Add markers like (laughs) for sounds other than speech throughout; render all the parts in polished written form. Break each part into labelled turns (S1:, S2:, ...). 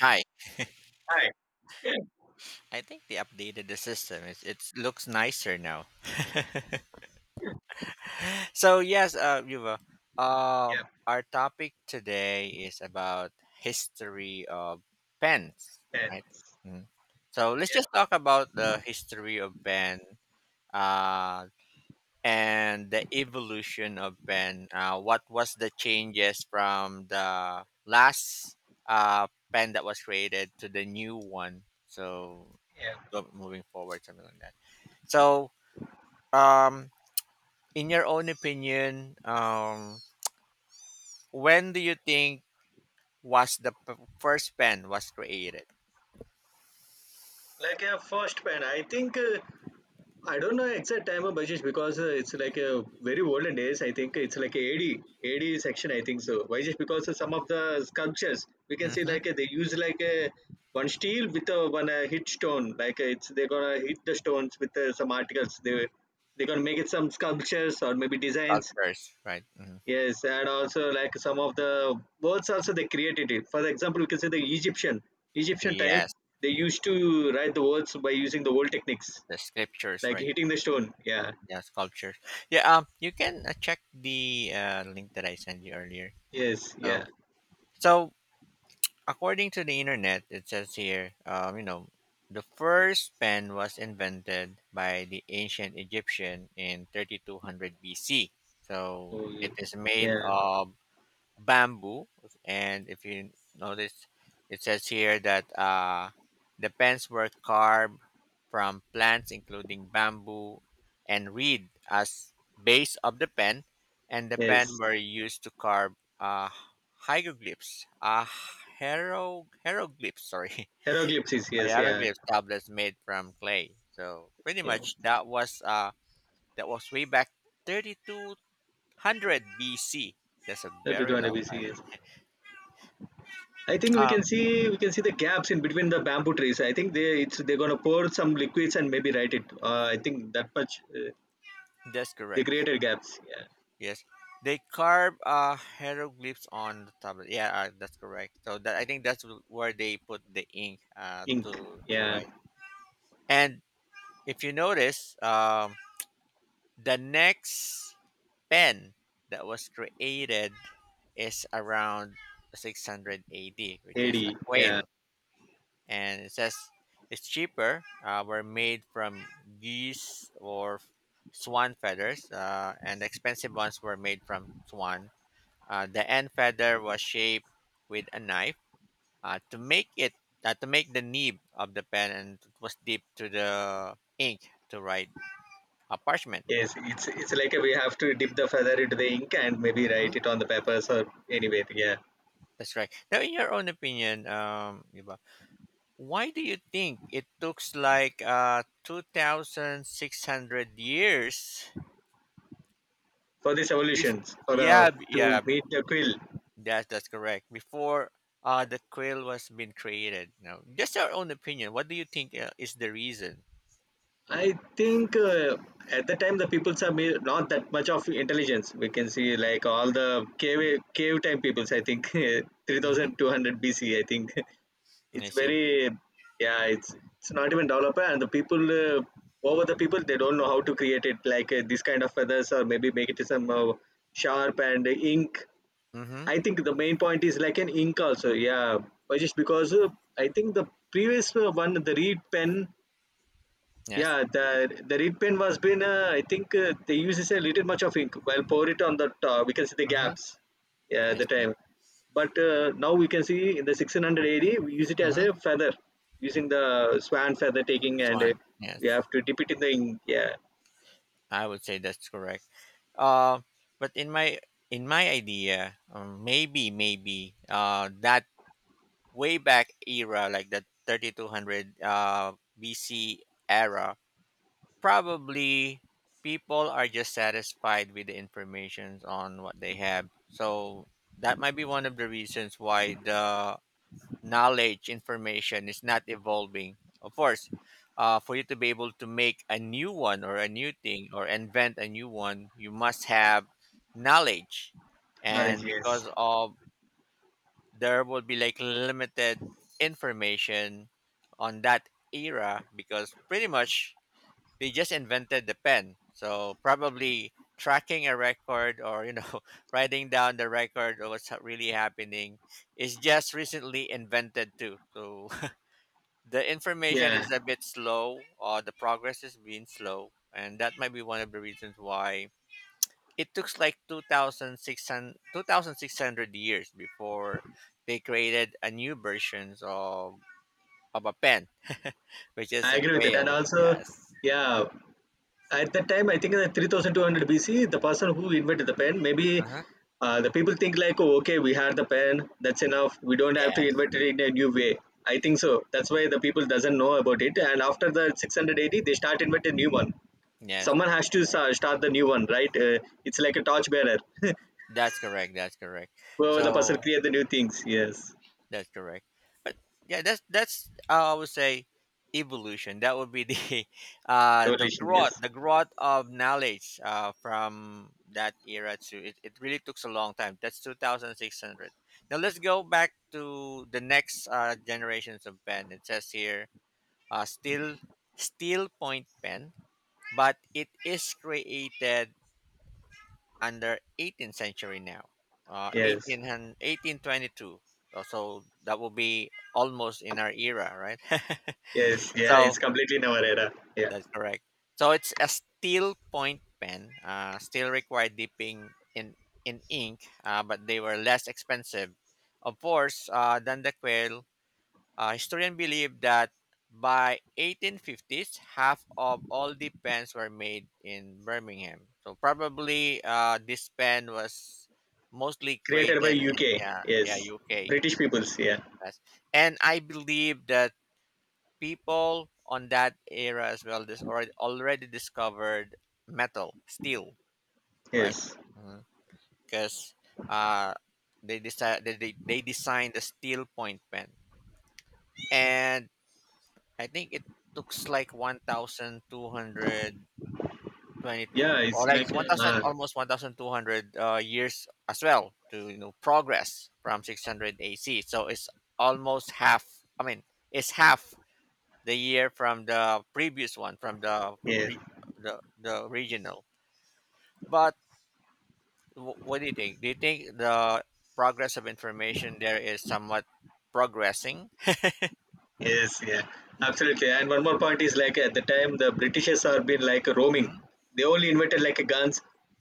S1: Hi.
S2: Right. (laughs)
S1: I think they updated the system. It looks nicer now. (laughs) So yes, Yuva,
S2: Yeah,
S1: our topic today is about history of pens, right?
S2: pens.
S1: Mhm. So let's just
S2: Yeah,
S1: talk about the history of pen, uh, and the evolution of pen. What was the changes from the last uh, pen that was created to the new one? So
S2: yeah.
S1: moving forward, something like that. So Um, in your own opinion, when do you think was the first pen was created?
S2: Like a first pen, I think I don't know exact time of Bajish because it's like a very olden days. I think it's like a AD section. I think so. Why just because of some of the sculptures we can see
S1: Mm-hmm.
S2: like they use like a one steel with a one hit stone. Like it's they're gonna hit the stones with some articles. They're gonna make it some sculptures or maybe designs.
S1: Cultures, right? Hmm.
S2: Yes, and also like some of the words also they created it. For example, we can say the Egyptian time
S1: Yes,
S2: they used to write the words by using the old techniques
S1: the scriptures,
S2: like
S1: right?
S2: hitting the stone. Yeah.
S1: Yes, cultures. Yeah. You can check the link that I sent you earlier.
S2: Yes. Yeah.
S1: So, so according to the internet, it says here, the first pen was invented by the ancient Egyptian in 3200 BC. So
S2: Oh, yeah.
S1: it is made
S2: Yeah.
S1: of bamboo. And if you notice, it says here that the pens were carved from plants, including bamboo and reed, as base of the pen, and the pen
S2: Yes.
S1: were used to carve uh, hieroglyphs. Hieroglyphs, sorry,
S2: Hieroglyphs.
S1: (laughs)
S2: Yes. Yeah.
S1: hieroglyphs tablets made from clay. So pretty
S2: Yeah.
S1: much that was that was way back 3200 BC. That's a
S2: That
S1: very long
S2: we Yes. I think we
S1: time.
S2: can see we can see the gaps in between the bamboo trees. I think they're gonna pour some liquids and maybe write it. I think that much
S1: That's
S2: they
S1: correct.
S2: created gaps. Yeah.
S1: Yes, they carve hieroglyphs on the tablet. Yeah, that's correct. So that I think that's where they put the ink
S2: Ink.
S1: to
S2: Yeah.
S1: write. And if you notice, the next pen that was created is around 600 AD, which is a
S2: AD. Yeah.
S1: quail, and it says it's cheaper. Were made from geese or swan feathers, and the expensive ones were made from swan. The end feather was shaped with a knife, uh, to make it to make the nib of the pen, and it was dipped to the ink to write a parchment.
S2: Yes, it's like we have to dip the feather into the ink and maybe
S1: Mhm.
S2: write it on the papers or anyway. Yeah,
S1: That's right. Now, in your own opinion, Yuba, why do you think it took like two thousand six hundred years?
S2: for these
S1: Bef-
S2: evolutions, for the
S1: yeah,
S2: to
S1: yeah, b-
S2: meet the quill.
S1: that's that's correct. Before the quill was been created. Now, just your own opinion. What do you think is the reason?
S2: I think at the time the peoples are not that much of intelligence. We can see like all the cave time peoples. I think (laughs) three
S1: Mm-hmm.
S2: thousand two hundred BC. I think (laughs) it's
S1: I see.
S2: very. Yeah. It's not even developed and the people. Over the people they don't know how to create it like this kind of feathers or maybe make it some sharp and ink.
S1: Mm-hmm.
S2: I think the main point is like an ink also. Yeah, but just because I think the previous one, the reed pen.
S1: Yes.
S2: Yeah, the reed pen was been. I think they uses a little much of ink while pour it on the top. We can see the
S1: Mm-hmm.
S2: gaps. Yeah, at
S1: I
S2: the
S1: see.
S2: time. But now we can see in the 1600 AD, we use it as
S1: Mm-hmm.
S2: a feather, using the swan feather taking,
S1: That's
S2: and
S1: one.
S2: we
S1: Yes.
S2: have to dip it in the ink. Yeah.
S1: I would say that's correct. Uh, but in my idea, maybe that way back era, like the 3200 BC era, probably people are just satisfied with the information on what they have. So that might be one of the reasons why the knowledge information is not evolving, of course. For you to be able to make a new one or a new thing or invent a new one, you must have knowledge,
S2: Knowledge,
S1: and
S2: yes.
S1: because of there will be like limited information on that era, because pretty much they just invented the pen, so probably tracking a record or (laughs) writing down the record of what's really happening is just recently invented too. So the information
S2: Yeah,
S1: is a bit slow, or the progress is being slow, and that might be one of the reasons why it took like 2600 years before they created a new versions of a pen, which is
S2: I
S1: a
S2: agree with it. And
S1: quail.
S2: also,
S1: Yes.
S2: yeah, at that time, I think in the 3200 BC, the person who invented the pen, maybe
S1: Uh-huh.
S2: the people think like, oh, okay, we had the pen, that's enough. We don't have to
S1: Yes,
S2: invent it in a new way. I think so. That's why the people doesn't know about it. And after the 680, they start invent a new one.
S1: yes,
S2: Someone
S1: that's
S2: has to
S1: correct,
S2: start the new one, right? It's like a torch bearer. (laughs)
S1: that's correct, that's correct.
S2: Whoever the person
S1: So
S2: create the new things. Yes,
S1: that's correct. But yeah, that's I would say evolution. That would be the, (laughs) the
S2: evolution.
S1: growth
S2: Yes,
S1: the growth of knowledge, from that era to it really took a long time. That's two thousand six hundred. Now let's go back to the next generations of pen. It says here, still steel steel point pen, but it is created under 18th century now,
S2: yes,
S1: 18, 1822. So that will be almost in our era, right? (laughs)
S2: yes. Yeah,
S1: So
S2: it's completely in our era. Yeah,
S1: that's correct. So it's a steel point pen, still required dipping in, ink, but they were less expensive, of course, than the quill. Historians believe that by 1850s, half of all the pens were made in Birmingham. So probably this pen was mostly
S2: created by
S1: created in,
S2: UK.
S1: yeah,
S2: Yes,
S1: UK.
S2: British peoples. Yeah,
S1: Yes. And I believe that people on that era as well this already discovered metal steel, right?
S2: yes.
S1: Because uh, they designed the steel point pen, and I think it looks like 1,222
S2: Yeah,
S1: or
S2: it's
S1: like
S2: like
S1: 1,000,
S2: uh,
S1: almost 1,200 years as well, to progress from 600 AC. So it's almost half. I mean, it's half the year from the previous one, from the
S2: yeah,
S1: re- the regional. But what do you think? Do you think the progress of information there is somewhat progressing?
S2: yes, yeah, absolutely. And one more point is like at the time the Britishers are been like roaming. They only invented like guns.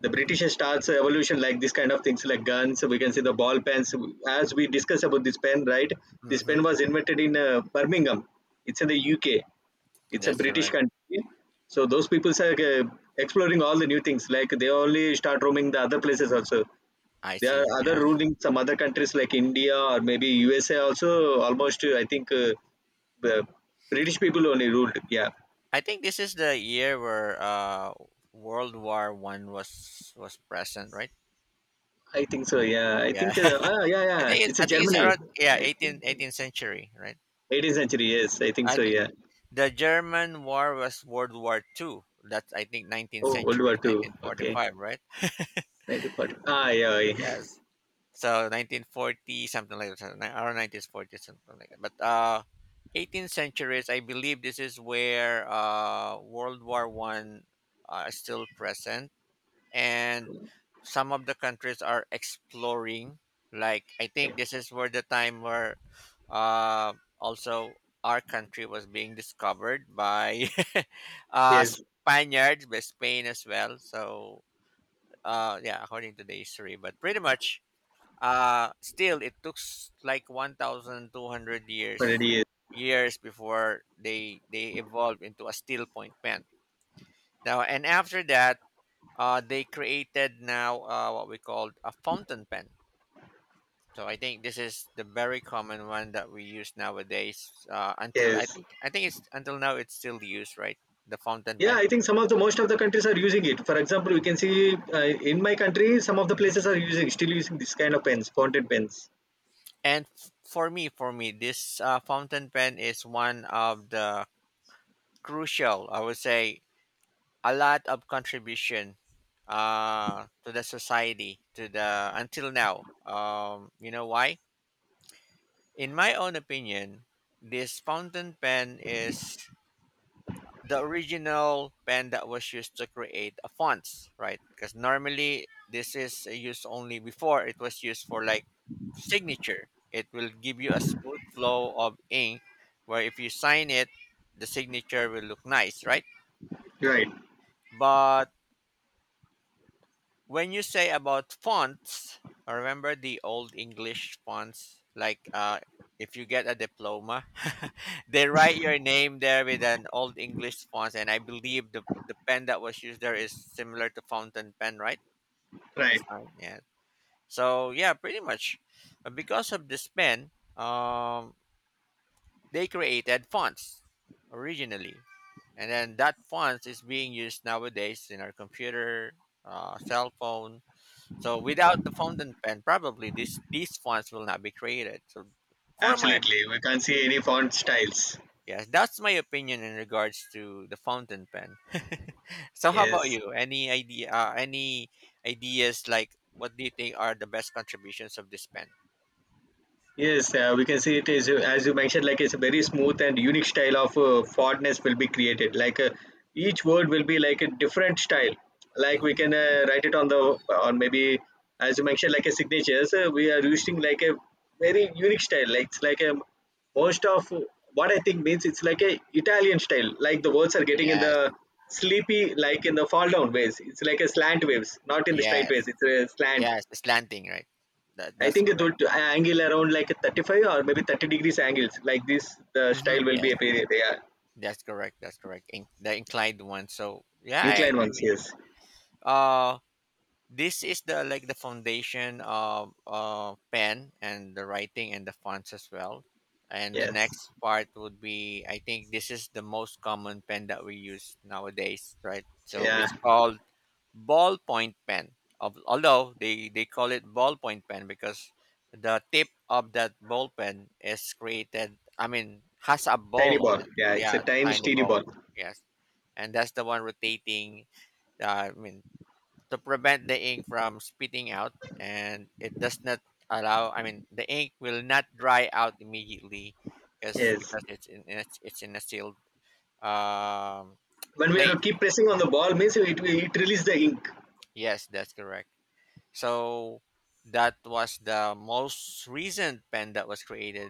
S2: The British starts evolution like this kind of things like guns. We can see the ball pens. As we discuss about this pen, right? This
S1: Mm-hmm.
S2: pen was invented in Birmingham. It's in the UK. It's a
S1: That's
S2: British
S1: correct.
S2: country. So those people are exploring all the new things. Like they only start roaming the other places also.
S1: I
S2: There are
S1: see.
S2: other
S1: Yes.
S2: ruling some other countries like India or maybe USA also almost I think the British people only ruled. Yeah,
S1: I think this is the year where World War One was present, right?
S2: I think so. Yeah, I
S1: Yeah.
S2: think
S1: (laughs)
S2: yeah
S1: I
S2: yeah
S1: think it's,
S2: it's
S1: I
S2: a
S1: think it's
S2: Germany.
S1: around, yeah,
S2: I think
S1: 18th
S2: it's
S1: century, right?
S2: 18th century. Yes, I think
S1: I
S2: so.
S1: think
S2: Yeah.
S1: the German war was World War Two. That's, I think, 19th
S2: Oh, World War
S1: century,
S2: Two. Okay,
S1: 1945, right?
S2: 1940. Yeah. Yeah.
S1: Yes. So 1940 something like that, around 1940 something like that. But 18th centuries, I believe this is where World War One is still present, and some of the countries are exploring. Like, I think this is where the time where, uh, also, our country was being discovered by (laughs)
S2: (laughs) Yes,
S1: Spaniards, by Spain as well. So yeah, according to the history. But pretty much, still it took like 1,200
S2: already,
S1: years,
S2: yes.
S1: before they evolved into a steel point pen. Now, and after that, they created now, what we call a fountain pen. So I think this is the very common one that we use nowadays. Until, I
S2: Yes.
S1: think I think it's, until now it's still used, right? The fountain
S2: Yeah,
S1: pen.
S2: I think some of the most of the countries are using it. For example, we can see in my country, some of the places are using still using this kind of pens, fountain pens.
S1: And for me, this fountain pen is one of the crucial. I would say a lot of contribution to the society, to the, until now. You know why? In my own opinion, this fountain pen is the original pen that was used to create a fonts, right? Because normally this is used only before, it was used for like signature. It will give you a smooth flow of ink, where if you sign it, the signature will look nice, right?
S2: Right,
S1: But when you say about fonts, I remember the old English fonts. Like, if you get a diploma, (laughs) they write your name there with an old English font, and I believe the pen that was used there is similar to fountain pen, right?
S2: right.
S1: Design, yeah. So yeah, pretty much. But because of this pen, um, they created fonts originally, and then that font is being used nowadays in our computer, cell phone. So without the fountain pen, probably this these fonts will not be created. So for my
S2: Absolutely. We can't see any font styles.
S1: yes, that's my opinion in regards to the fountain pen. (laughs) So how about
S2: Yes.
S1: you? Any idea? Any ideas, like, what do you think are the best contributions of this pen?
S2: Yes, we can see it is as you mentioned, like it's a very smooth and unique style of fondness will be created. Like each word will be like a different style. Like we
S1: Hmm.
S2: can write it on maybe, as you mentioned, like a signatures. We are using like a very unique style. Like it's like a most of what I think means it's like a Italian style. Like the words are getting in
S1: Yes,
S2: the sleepy, like in the fall down ways. It's like a slant waves, not in the straight
S1: yes,
S2: ways. It's a slant.
S1: yes. The slanting, right? That
S2: I
S1: that's
S2: think it
S1: correct.
S2: would angle around like a 35 or maybe 30 degrees angles. Like this, the
S1: Hmm.
S2: style will be
S1: Yes,
S2: a appear. Yeah,
S1: that's correct. That's correct. In, the inclined one. So yeah, I
S2: inclined
S1: agree
S2: ones.
S1: with you.
S2: Yes,
S1: This is the, like, the foundation of pen, and the writing, and the fonts as well. And the
S2: yes,
S1: next part would be, I think this is the most common pen that we use nowadays, right? So it's
S2: yeah.
S1: called ballpoint pen. Although they call it ballpoint pen because the tip of that ball pen is created, I mean, has a
S2: Tiny
S1: ball on
S2: ball.
S1: it.
S2: Yeah, it's a
S1: Yeah, it's a
S2: tiny
S1: tiny
S2: steely
S1: ball.
S2: ball.
S1: Yes, and that's the one rotating, I mean, to prevent the ink from spitting out. And it does not allow, I mean, the ink will not dry out immediately, because
S2: Yes.
S1: it's in it's in a sealed, um
S2: When we are to
S1: place.
S2: keep pressing on
S1: Mm.
S2: the ball, means it releases the ink.
S1: Yes, that's correct. So that was the most recent pen that was created,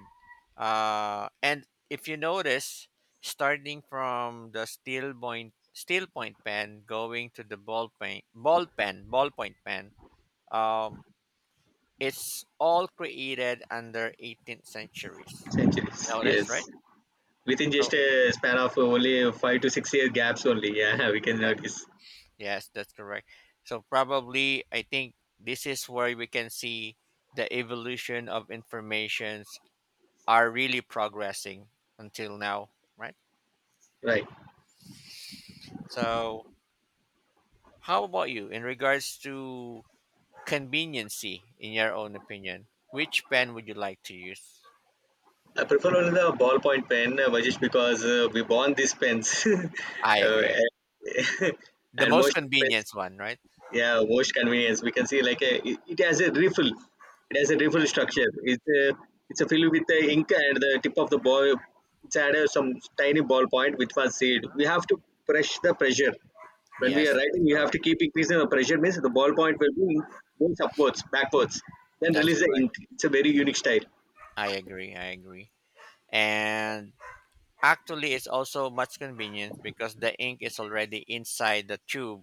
S1: and if you notice, starting from the steel point pen, going to the ballpoint pen, um it's all created under 18th centuries. You
S2: Centuries.
S1: know this,
S2: Yes,
S1: right?
S2: within just
S1: So
S2: a span of only 5 to 6 year gaps only. Yeah, (laughs) we can
S1: that
S2: notice.
S1: Yes, that's correct. So probably, I think this is where we can see the evolution of informations are really progressing until now, right?
S2: Right.
S1: So how about you, in regards to conveniency, in your own opinion? Which pen would you like to use?
S2: I prefer only the ballpoint pen, just because we bought these pens. (laughs)
S1: I agree.
S2: And (laughs)
S1: The
S2: and
S1: most
S2: most of the.
S1: convenience one, right?
S2: Yeah, most convenience. We can see like a, it has a refill. It has a refill structure. It's a filled with the ink and the tip of the ball. It's had a, some tiny ball point which was seed. We have to press the pressure. When we
S1: Yes,
S2: are writing,
S1: that's
S2: we have to
S1: correct.
S2: keep increasing the pressure. Means the ball point will be goes upwards, backwards, then
S1: That's
S2: release the
S1: correct.
S2: ink. It's a very unique style.
S1: I agree. I agree. And actually, it's also much convenient because the ink is already inside the tube,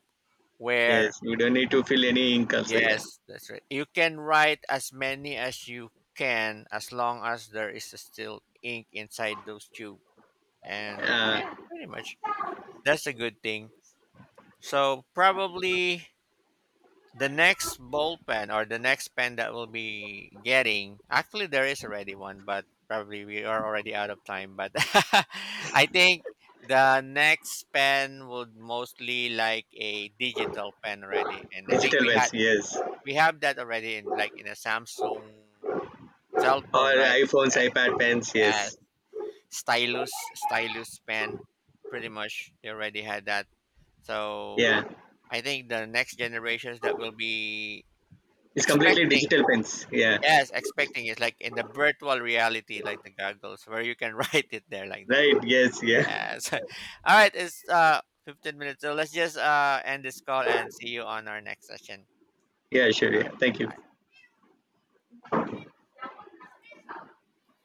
S1: where
S2: Yes, you don't need to fill any ink also. Yeah,
S1: yes, that's right. You can write as many as you can, as long as there is still ink inside those tube. And
S2: uh,
S1: yeah, pretty much, that's a good thing. So probably, the next ball pen or the next pen that we'll be getting, actually there is already one, but probably we are already out of time. But, (laughs) I think the next pen would mostly like a digital pen already, and I think
S2: digital
S1: we
S2: pens.
S1: had
S2: Yes,
S1: we have that already, in like in a Samsung cell phone,
S2: or
S1: right?
S2: iPhones,
S1: Yes,
S2: iPad pens.
S1: yes.
S2: Yes,
S1: Stylus pen, pretty much they already had that. So
S2: yeah.
S1: I think the next generations that will be
S2: It's completely
S1: expecting.
S2: digital pens. Yeah.
S1: Yes, expecting is like in the virtual reality, like the goggles, where you can (laughs) write it there like that.
S2: Right. Yes. Yeah.
S1: Yes. (laughs) All right, it's 15 minutes. So let's just end this call and see you on our next session.
S2: Yeah. Sure.
S1: All
S2: Yeah. Thank you.
S1: right.